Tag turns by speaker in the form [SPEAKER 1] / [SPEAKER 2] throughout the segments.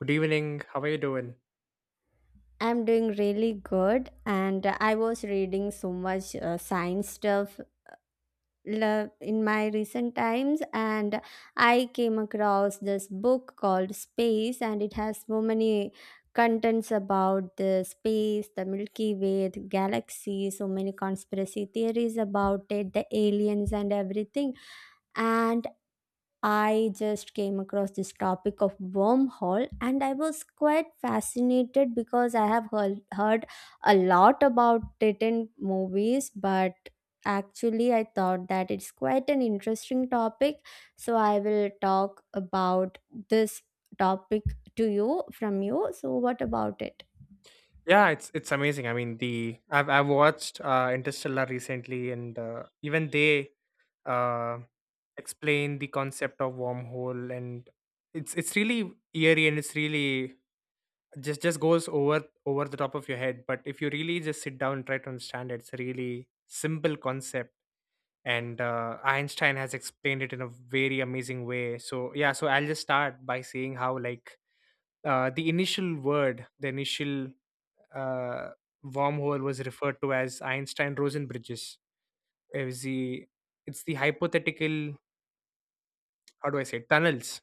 [SPEAKER 1] Good evening. How are you doing?
[SPEAKER 2] I'm doing really good, and I was reading so much science stuff in my recent times, and I came across this book called Space, and it has so many contents about the space, the Milky Way, the galaxy, so many conspiracy theories about it, the aliens, and everything. And I just came across this topic of wormhole and I was quite fascinated because I have heard a lot about it in movies, but actually, I thought that it's quite an interesting topic. So, I will talk about this topic to you from you. So, what about it?
[SPEAKER 1] Yeah, it's amazing. I mean, the I've watched Interstellar recently, and even they uh, explain the concept of wormhole, and it's really eerie, and it's really just goes over the top of your head. But if you really just sit down and try to understand it, it's a really simple concept, and Einstein has explained it in a very amazing way. So yeah, so I'll just start by saying how like the initial word, the initial uh, wormhole was referred to as Einstein Rosen bridges. It's the, it's the hypothetical, how do I say, tunnels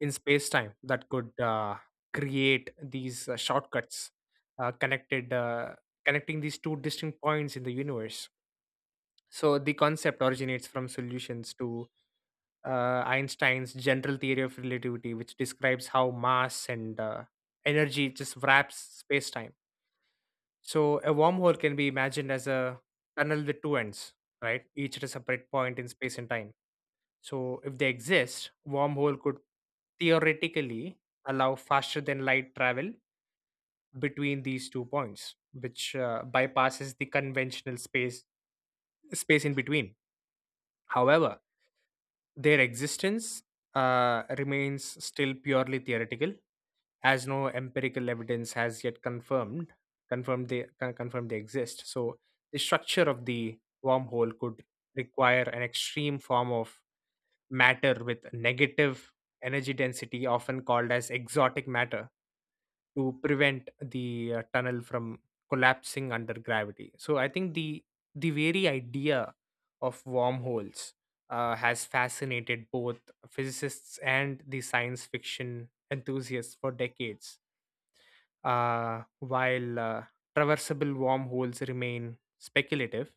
[SPEAKER 1] in space time that could create these shortcuts uh, connected, uh, connecting these two distinct points in the universe. So the concept originates from solutions to Einstein's general theory of relativity, which describes how mass and energy just wraps space time. So a wormhole can be imagined as a tunnel with two ends, right? Each at a separate point in space and time. So if they exist, wormhole could theoretically allow faster than light travel between these two points, which bypasses the conventional space in between. However, their existence remains still purely theoretical as no empirical evidence has yet confirmed they exist. So the structure of the wormhole could require an extreme form of matter with negative energy density, often called as exotic matter, to prevent the tunnel from collapsing under gravity. So I think the very idea of wormholes has fascinated both physicists and the science fiction enthusiasts for decades. While traversable wormholes remain speculative,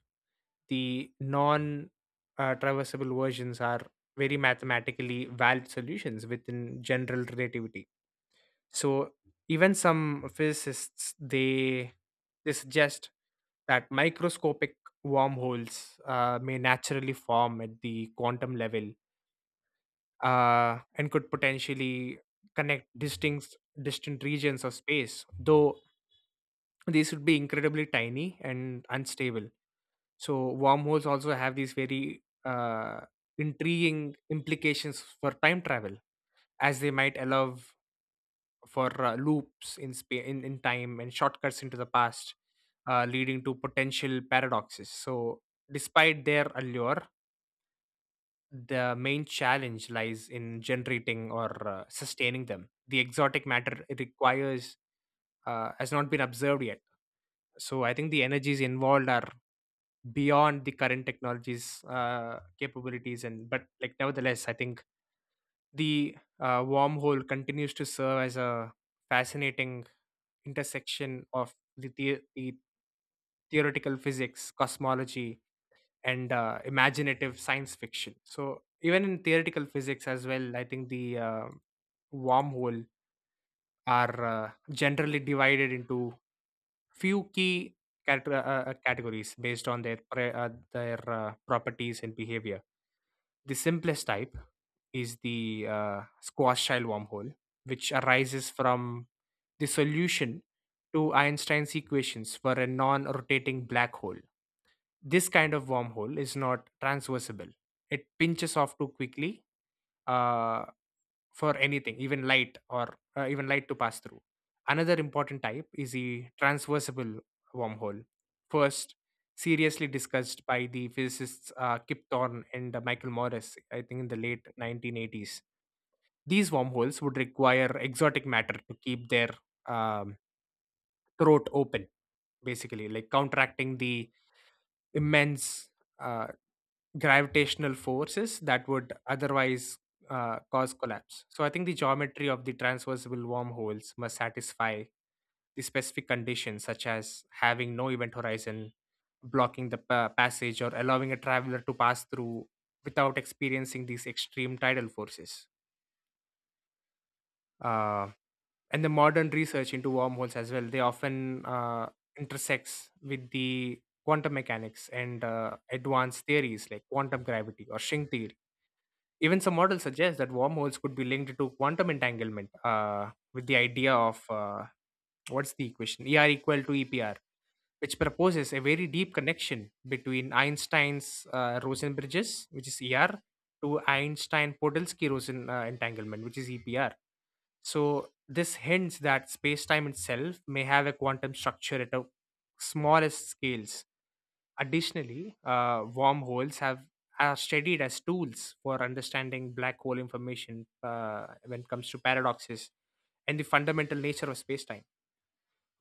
[SPEAKER 1] the non traversable versions are very mathematically valid solutions within general relativity. So even some physicists they suggest that microscopic wormholes may naturally form at the quantum level, and could potentially connect distinct distant regions of space, though these would be incredibly tiny and unstable. So wormholes also have these very intriguing implications for time travel, as they might allow for loops in, spa- in time and shortcuts into the past, leading to potential paradoxes. So despite their allure, the main challenge lies in generating or sustaining them. The exotic matter it requires has not been observed yet. So I think the energies involved are beyond the current technologies capabilities, and but like nevertheless I think the wormhole continues to serve as a fascinating intersection of the theoretical physics, cosmology, and imaginative science fiction. So even in theoretical physics as well, I think the wormhole are generally divided into few key categories based on their properties and behavior. The simplest type is the squash shell wormhole, which arises from the solution to Einstein's equations for a non-rotating black hole. This kind of wormhole is not transversible; it pinches off too quickly, uh, for anything, even light to pass through. Another important type is the transversible wormhole. First, seriously discussed by the physicists Kip Thorne and Michael Morris, I think in the late 1980s. These wormholes would require exotic matter to keep their um, throat open, basically, like counteracting the immense uh, gravitational forces that would otherwise cause collapse. So I think the geometry of the transversible wormholes must satisfy the specific conditions, such as having no event horizon, blocking the passage, or allowing a traveler to pass through without experiencing these extreme tidal forces. Uh, and the modern research into wormholes as well, they often intersects with the quantum mechanics and advanced theories like quantum gravity or string theory. Even some models suggest that wormholes could be linked to quantum entanglement, with the idea of what's the equation? ER equal to EPR, which proposes a very deep connection between Einstein's Rosen bridges, which is ER, to Einstein Podolsky Rosen entanglement, which is EPR. So this hints that space-time itself may have a quantum structure at a smallest scales. Additionally, wormholes have are studied as tools for understanding black hole information when it comes to paradoxes and the fundamental nature of space-time.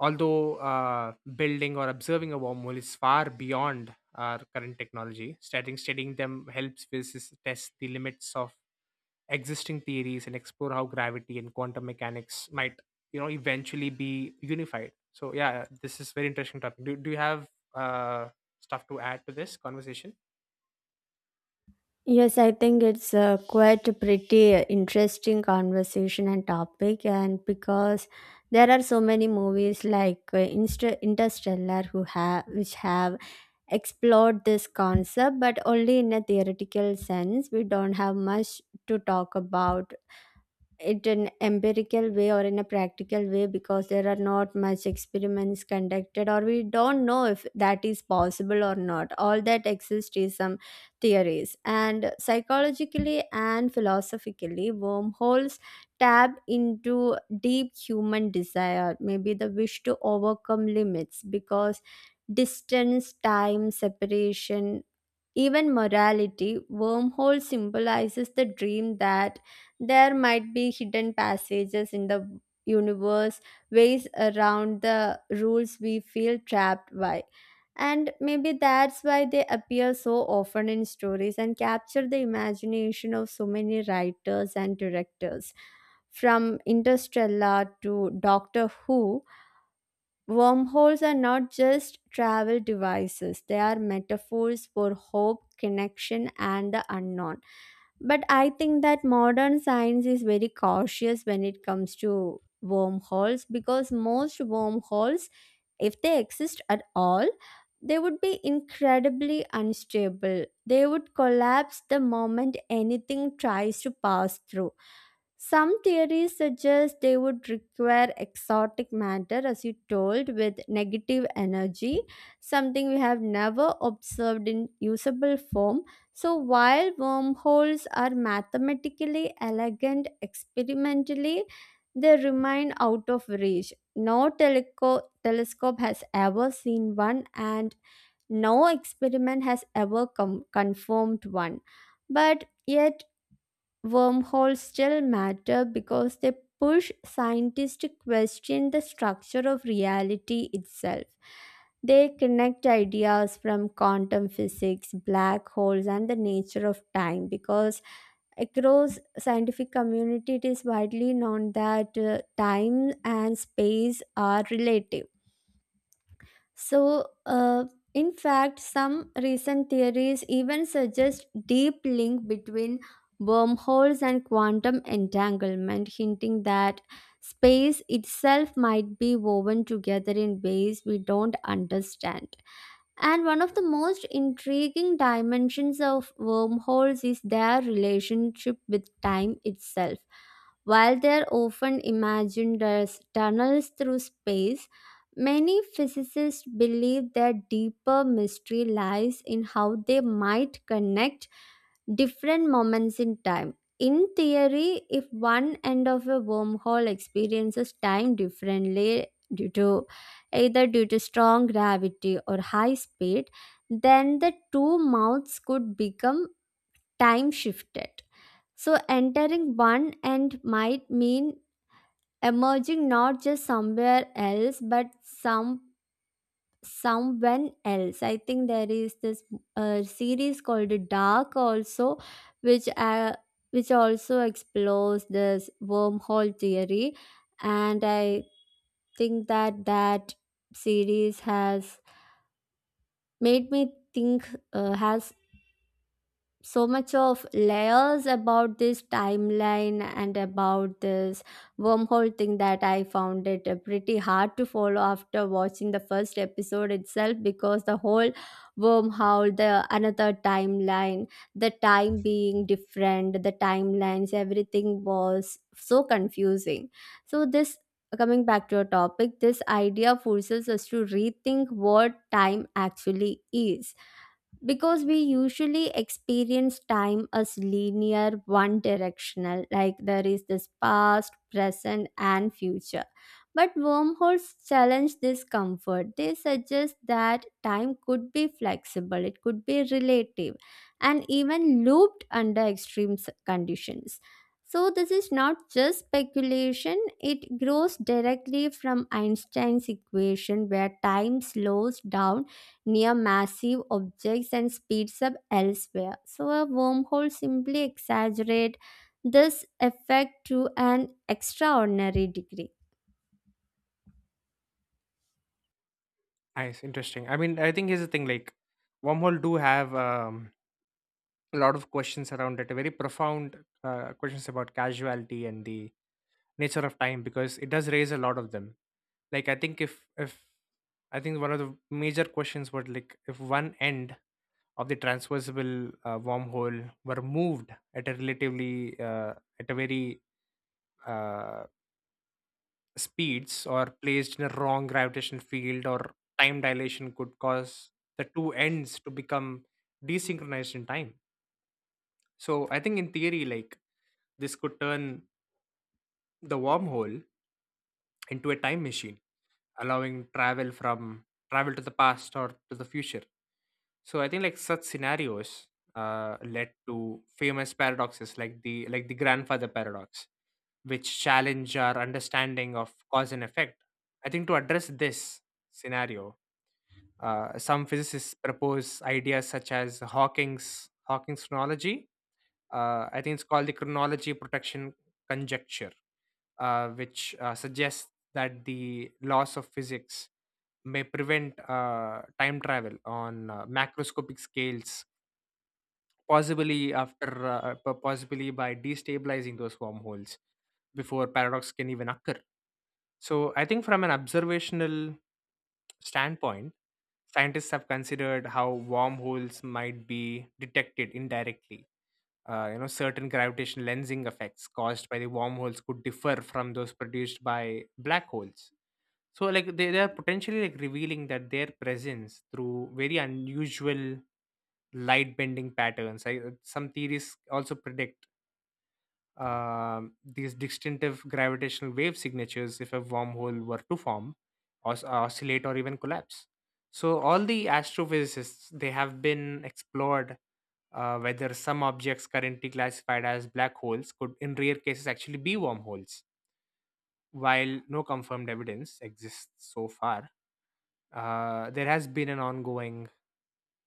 [SPEAKER 1] Although building or observing a wormhole is far beyond our current technology, studying them helps physicists test the limits of existing theories and explore how gravity and quantum mechanics might eventually be unified. So yeah, this is very interesting topic. Do you have uh stuff to add to this conversation?
[SPEAKER 2] Yes, I think it's quite a pretty interesting conversation and topic, and because there are so many movies like Interstellar who have which have explored this concept, but only in a theoretical sense. We don't have much to talk about it an empirical way or in a practical way, because there are not much experiments conducted or we don't know if that is possible or not. All that exists is some theories, and psychologically and philosophically, wormholes tap into deep human desire, maybe the wish to overcome limits because distance, time, separation, even morality, wormhole symbolizes the dream that there might be hidden passages in the universe, ways around the rules we feel trapped by. And maybe that's why they appear so often in stories and capture the imagination of so many writers and directors, from Interstellar to Doctor Who. Wormholes are not just travel devices, they are metaphors for hope, connection, and the unknown. But I think that modern science is very cautious when it comes to wormholes, because most wormholes, if they exist at all, they would be incredibly unstable. They would collapse the moment anything tries to pass through. Some theories suggest they would require exotic matter, as you told, with negative energy, something we have never observed in usable form. So, while wormholes are mathematically elegant experimentally, they remain out of reach. No telescope has ever seen one, and no experiment has ever confirmed one. But yet, wormholes still matter because they push scientists to question the structure of reality itself. They connect ideas from quantum physics, black holes, and the nature of time, because across scientific community it is widely known that time and space are relative. So, in fact, some recent theories even suggest deep link between wormholes and quantum entanglement, hinting that space itself might be woven together in ways we don't understand. And one of the most intriguing dimensions of wormholes is their relationship with time itself. While they're often imagined as tunnels through space, many physicists believe that deeper mystery lies in how they might connect different moments in time. In theory, if one end of a wormhole experiences time differently due to either due to strong gravity or high speed, then the two mouths could become time shifted. So entering one end might mean emerging not just somewhere else but someone else. I think there is this series called Dark also, which uh, which also explores this wormhole theory, and I think that series has made me think has so much of layers about this timeline and about this wormhole thing that I found it pretty hard to follow after watching the first episode itself, because the whole wormhole, the another timeline, the time being different, the timelines, everything was so confusing. So this, coming back to your topic, this idea forces us to rethink what time actually is, because we usually experience time as linear, one directional, like there is this past, present, and future, but wormholes challenge this comfort. They suggest that time could be flexible, it could be relative, and even looped under extreme conditions. So this is not just speculation, it grows directly from Einstein's equation where time slows down near massive objects and speeds up elsewhere. So a wormhole simply exaggerate this effect to an extraordinary degree.
[SPEAKER 1] Nice, interesting. I mean, I think here's the thing, like wormhole do have a lot of questions around it, very profound questions about casuality and the nature of time, because it does raise a lot of them. Like I think if I think one of the major questions was, like, if one end of the transversible wormhole were moved at a very uh, speeds, or placed in a wrong gravitational field, or time dilation could cause the two ends to become desynchronized in time. So I think in theory, like this could turn the wormhole into a time machine, allowing travel to the past or to the future. So I think like such scenarios led to famous paradoxes like the grandfather paradox, which challenge our understanding of cause and effect. I think to address this scenario, some physicists propose ideas such as Hawking's, I think it's called the chronology protection conjecture, which suggests that the laws of physics may prevent time travel on macroscopic scales, possibly by destabilizing those wormholes before paradox can even occur. So I think from an observational standpoint, scientists have considered how wormholes might be detected indirectly. Certain gravitational lensing effects caused by the wormholes could differ from those produced by black holes, so like they are potentially like revealing that their presence through very unusual light bending patterns. I, some theories also predict these distinctive gravitational wave signatures if a wormhole were to form, oscillate, or even collapse. So, all the astrophysicists they have been explored whether some objects currently classified as black holes could, in rare cases, actually be wormholes. While no confirmed evidence exists so far, there has been an ongoing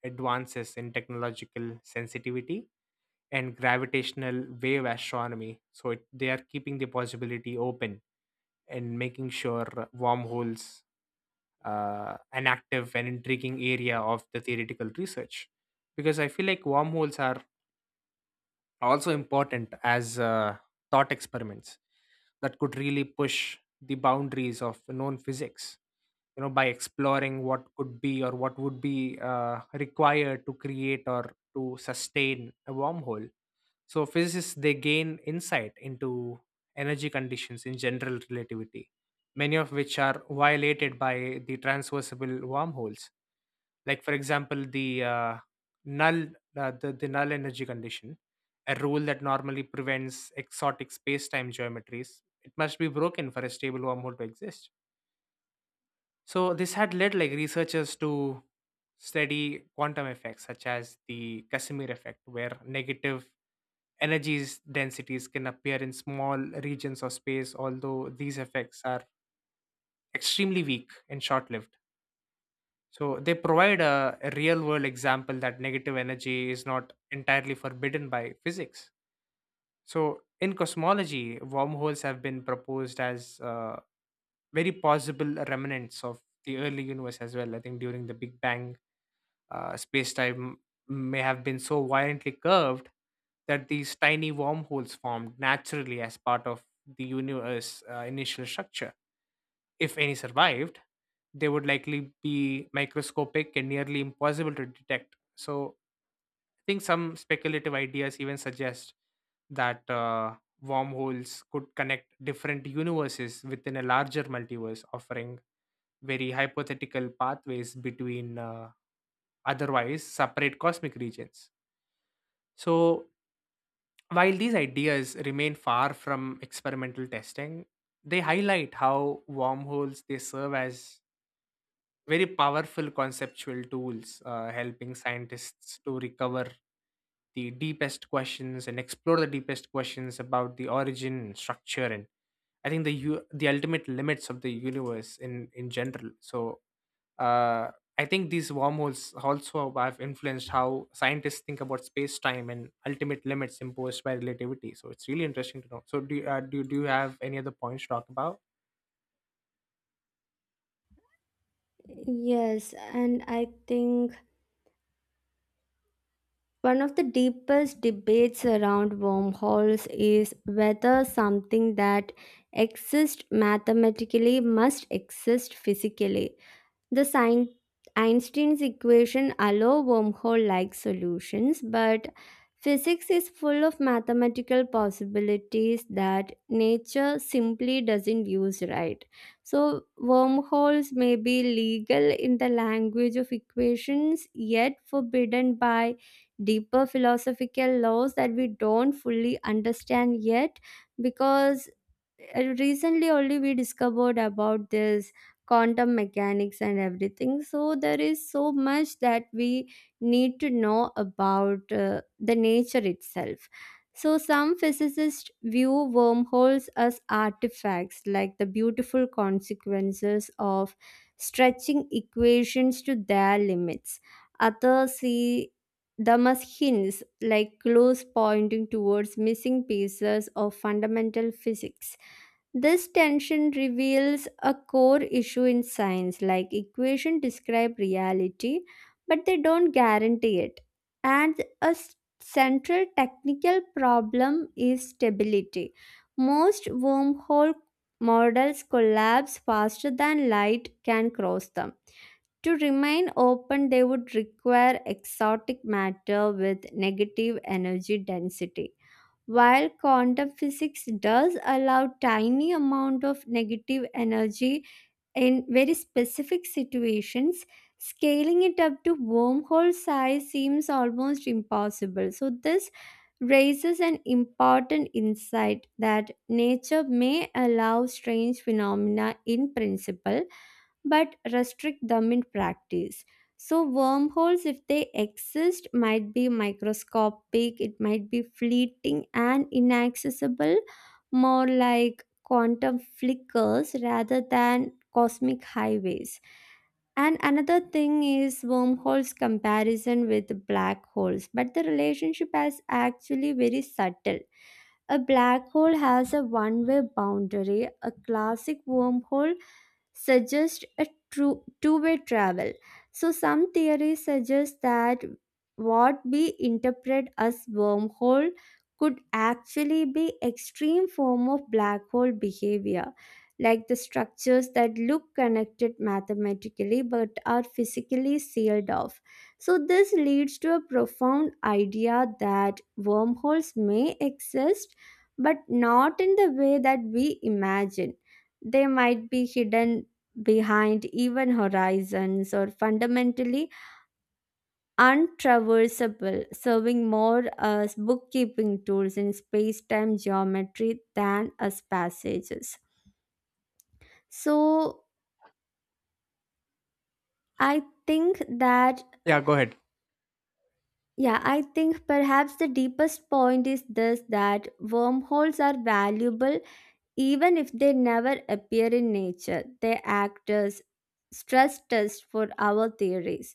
[SPEAKER 1] advances in technological sensitivity and gravitational wave astronomy. So it, they are keeping the possibility open and making sure wormholes an active and intriguing area of the theoretical research, because I feel like wormholes are also important as thought experiments that could really push the boundaries of known physics, by exploring what could be, or what would be required to create or to sustain a wormhole. So physicists they gain insight into energy conditions in general relativity, many of which are violated by the transversible wormholes. Like for example, the null null energy condition, a rule that normally prevents exotic space-time geometries. It must be broken for a stable wormhole to exist. So this had led like researchers to study quantum effects such as the Casimir effect, where negative energies densities can appear in small regions of space, although these effects are extremely weak and short-lived. So they provide a real-world example that negative energy is not entirely forbidden by physics. So in cosmology, wormholes have been proposed as very possible remnants of the early universe as well. I think during the Big Bang, space time may have been so violently curved that these tiny wormholes formed naturally as part of the universe's initial structure. If any survived, they would likely be microscopic and nearly impossible to detect. So, I think some speculative ideas even suggest that wormholes could connect different universes within a larger multiverse, offering very hypothetical pathways between otherwise separate cosmic regions. So, while these ideas remain far from experimental testing, they highlight how wormholes they serve as very powerful conceptual tools, helping scientists to recover the deepest questions and explore the deepest questions about the origin, structure, and I think the ultimate limits of the universe in general. So uh, I think these wormholes also have influenced how scientists think about space time and ultimate limits imposed by relativity. So it's really interesting to know. So do you, do you have any other points to talk about?
[SPEAKER 2] Yes, and I think one of the deepest debates around wormholes is whether something that exists mathematically must exist physically. The sign Einstein's equation allow wormhole-like solutions, but physics is full of mathematical possibilities that nature simply doesn't use, right? So wormholes may be legal in the language of equations, yet forbidden by deeper philosophical laws that we don't fully understand yet, because recently only we discovered about this quantum mechanics and everything. So there is so much that we need to know about the nature itself. So some physicists view wormholes as artifacts, like the beautiful consequences of stretching equations to their limits. Others see them as hints, like clues pointing towards missing pieces of fundamental physics. This tension reveals a core issue in science, like equations describe reality, but they don't guarantee it. And a central technical problem is stability. Most wormhole models collapse faster than light can cross them. To remain open, they would require exotic matter with negative energy density. While quantum physics does allow tiny amount of negative energy in very specific situations, scaling it up to wormhole size seems almost impossible. So this raises an important insight that nature may allow strange phenomena in principle but restrict them in practice. So, wormholes, if they exist, might be microscopic, it might be fleeting and inaccessible, more like quantum flickers rather than cosmic highways. And another thing is wormholes comparison with black holes, but the relationship is actually very subtle. A black hole has a one way boundary, a classic wormhole suggest a true two-way travel. So some theories suggest that what we interpret as wormhole could actually be extreme form of black hole behavior, like the structures that look connected mathematically but are physically sealed off. So this leads to a profound idea that wormholes may exist but not in the way that we imagine. They might be hidden behind even horizons or fundamentally untraversable, serving more as bookkeeping tools in space time geometry than as passages. So, I think that,
[SPEAKER 1] Yeah, go ahead.
[SPEAKER 2] yeah, I think perhaps the deepest point is this, that wormholes are valuable. Even if they never appear in nature, they act as stress tests for our theories.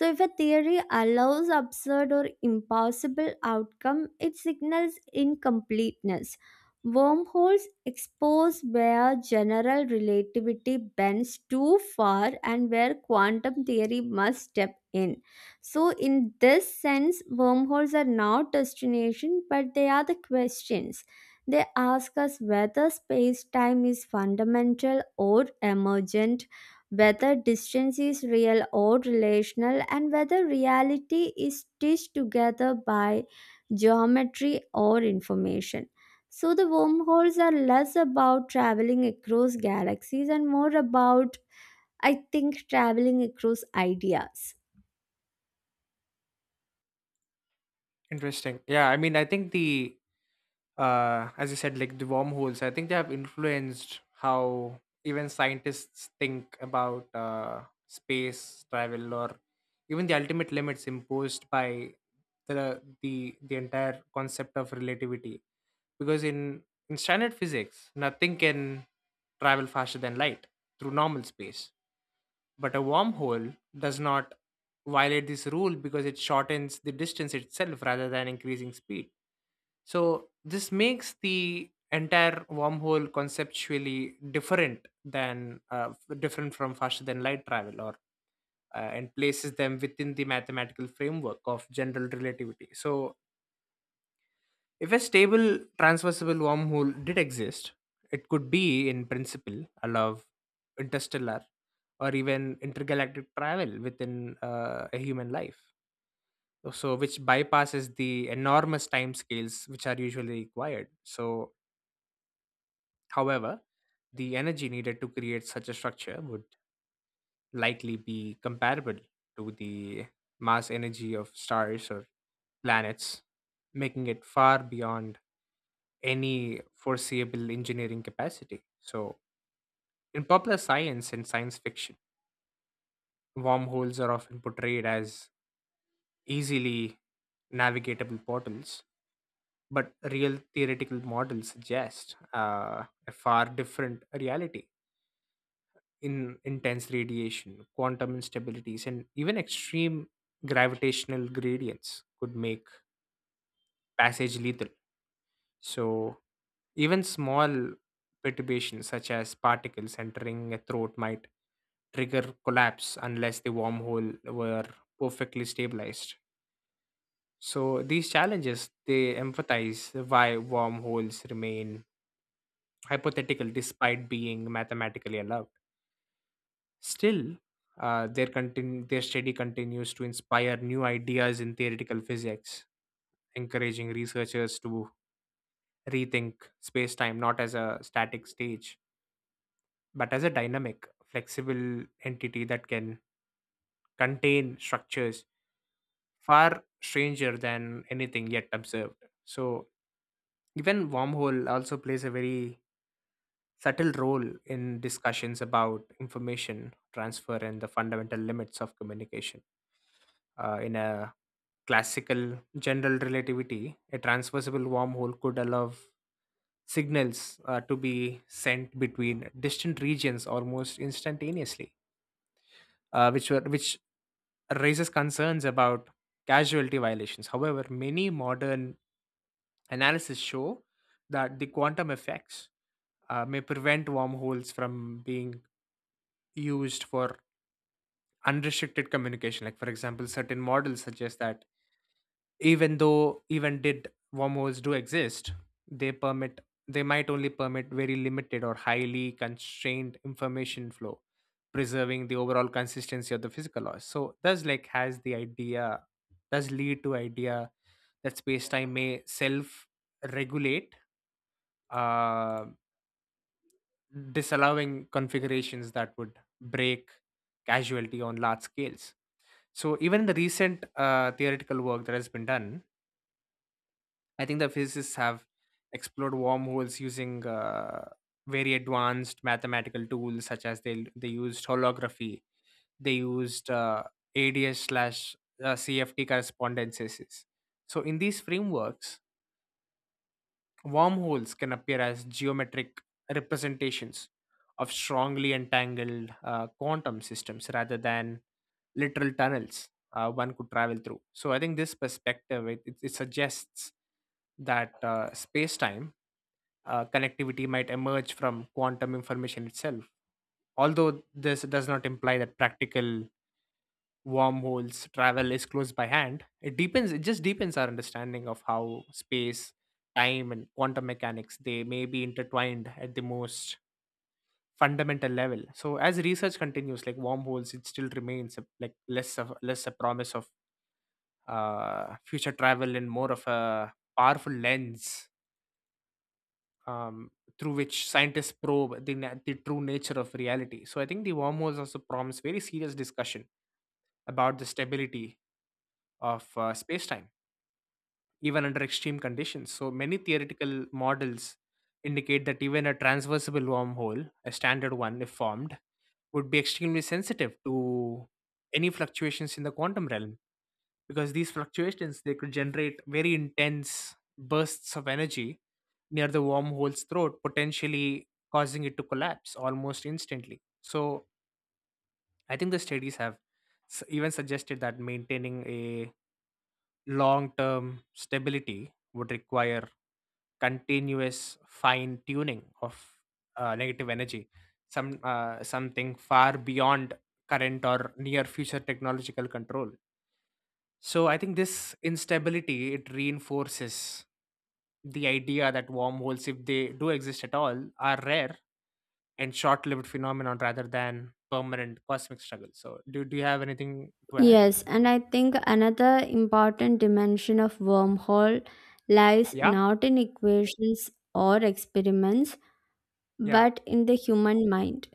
[SPEAKER 2] So, if a theory allows absurd or impossible outcome, it signals incompleteness. Wormholes expose where general relativity bends too far and where quantum theory must step in. So, in this sense, wormholes are not destination, but they are the questions. They ask us whether space time is fundamental or emergent, whether distance is real or relational, and whether reality is stitched together by geometry or information. So, the wormholes are less about traveling across galaxies and more about, I think, traveling across ideas.
[SPEAKER 1] Interesting. Yeah, I mean, I think the as you said, like the wormholes, I think they have influenced how even scientists think about space travel or even the ultimate limits imposed by the entire concept of relativity. Because in standard physics, nothing can travel faster than light through normal space, but a wormhole does not violate this rule because it shortens the distance itself rather than increasing speed. So this makes the entire wormhole conceptually different than different from faster than light travel, or and places them within the mathematical framework of general relativity. So if a stable transversible wormhole did exist, it could be in principle allow interstellar or even intergalactic travel within a human life, so which bypasses the enormous time scales which are usually required. So however, the energy needed to create such a structure would likely be comparable to the mass energy of stars or planets, making it far beyond any foreseeable engineering capacity. So, in popular science and science fiction, wormholes are often portrayed as easily navigatable portals, but real theoretical models suggest a far different reality in intense radiation, quantum instabilities, and even extreme gravitational gradients could make passage lethal. So, even small perturbations such as particles entering a throat might trigger collapse unless the wormhole were perfectly stabilized. So, these challenges they emphasize why wormholes remain hypothetical despite being mathematically allowed. Still, their study continues to inspire new ideas in theoretical physics, encouraging researchers to rethink space time not as a static stage, but as a dynamic, flexible entity that can contain structures far stranger than anything yet observed. So, even wormhole also plays a very subtle role in discussions about information transfer and the fundamental limits of communication. In a classical general relativity, a transversible wormhole could allow signals to be sent between distant regions almost instantaneously, which raises concerns about casualty violations. However, many modern analysis show that the quantum effects may prevent wormholes from being used for unrestricted communication. Like, for example, certain models suggest that even though even did wormholes do exist, they permit they might only permit very limited or highly constrained information flow, preserving the overall consistency of the physical laws. So thus, like, has the idea, does lead to idea that space-time may self regulate, uh, disallowing configurations that would break casualty on large scales. So even in the recent theoretical work that has been done, I think the physicists have explored wormholes using very advanced mathematical tools, such as they used holography, they used ADS slash CFT correspondences. So in these frameworks, wormholes can appear as geometric representations of strongly entangled quantum systems rather than literal tunnels one could travel through. So I think this perspective it suggests that space time connectivity might emerge from quantum information itself. Although this does not imply that practical wormholes travel is close by hand, it deepens. It just deepens our understanding of how space, time, and quantum mechanics they may be intertwined at the most fundamental level. So as research continues, like wormholes, it still remains a, like, less of less a promise of future travel in more of a powerful lens um, through which scientists probe the true nature of reality. So I think the wormholes also promise very serious discussion about the stability of space-time, even under extreme conditions. So many theoretical models indicate that even a transversible wormhole, a standard one if formed, would be extremely sensitive to any fluctuations in the quantum realm, because these fluctuations they could generate very intense bursts of energy near the wormhole's throat, potentially causing it to collapse almost instantly. So I think the studies have even suggested that maintaining a long term stability would require continuous fine tuning of negative energy, something far beyond current or near future technological control. So I think this instability it reinforces the idea that wormholes, if they do exist at all, are rare and short-lived phenomenon rather than permanent cosmic struggle. So do you have anything to add?
[SPEAKER 2] Yes, and I think another important dimension of wormhole lies
[SPEAKER 1] Yeah,
[SPEAKER 2] not in equations or experiments,
[SPEAKER 1] yeah,
[SPEAKER 2] but in the human mind.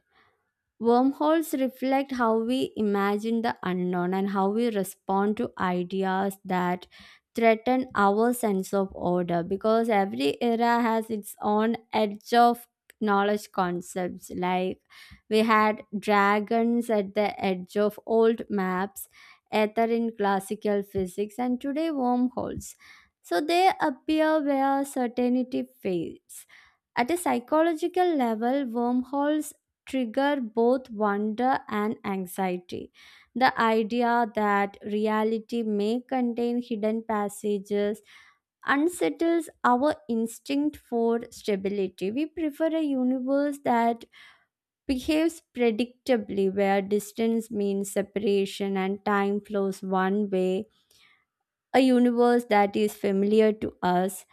[SPEAKER 2] Wormholes reflect how we imagine the unknown and how we respond to ideas that threaten our sense of order, because every era has its own edge of knowledge concepts. Like, we had dragons at the edge of old maps, ether in classical physics, and today wormholes. So they appear where certainty fades. At a psychological level, wormholes trigger both wonder and anxiety. The idea that reality may contain hidden passages unsettles our instinct for stability. We prefer a universe that behaves predictably, where distance means separation and time flows one way, a universe that is familiar to us.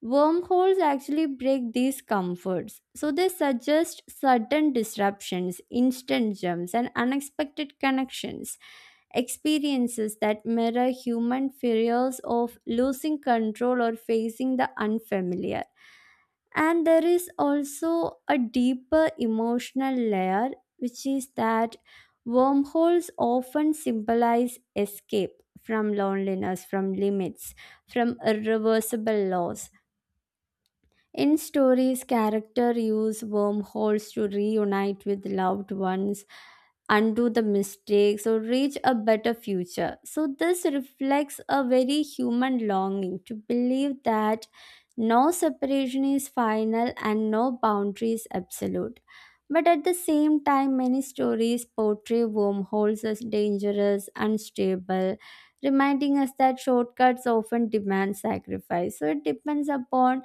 [SPEAKER 2] Wormholes actually break these comforts, so they suggest sudden disruptions, instant jumps, and unexpected connections, experiences that mirror human fears of losing control or facing the unfamiliar. And there is also a deeper emotional layer, which is that wormholes often symbolize escape from loneliness, from limits, from irreversible loss. In stories, characters use wormholes to reunite with loved ones, undo the mistakes, or reach a better future. So, this reflects a very human longing to believe that no separation is final and no boundary is absolute. But at the same time, many stories portray wormholes as dangerous, unstable, reminding us that shortcuts often demand sacrifice. So, it depends upon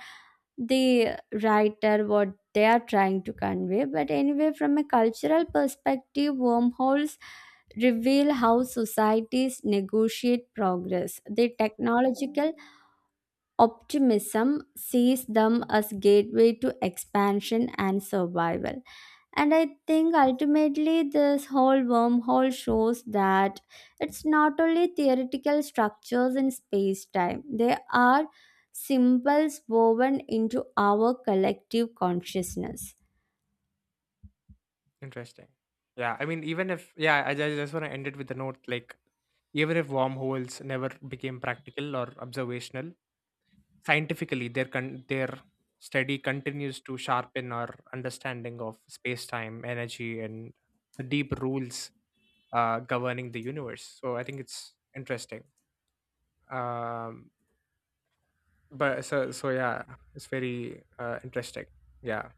[SPEAKER 2] the writer what they are trying to convey. But anyway, from a cultural perspective, wormholes reveal how societies negotiate progress. The technological optimism sees them as gateway to expansion and survival. And I think ultimately, this whole wormhole shows that it's not only theoretical structures in space time, they are symbols woven into our collective consciousness.
[SPEAKER 1] interesting. Yeah, I mean, even if, yeah, I just want to end it with a note like, even if wormholes never became practical or observational, scientifically, their study continues to sharpen our understanding of space time, energy, and the deep rules governing the universe. So I think it's interesting. Um, but so yeah, it's very interesting. Yeah.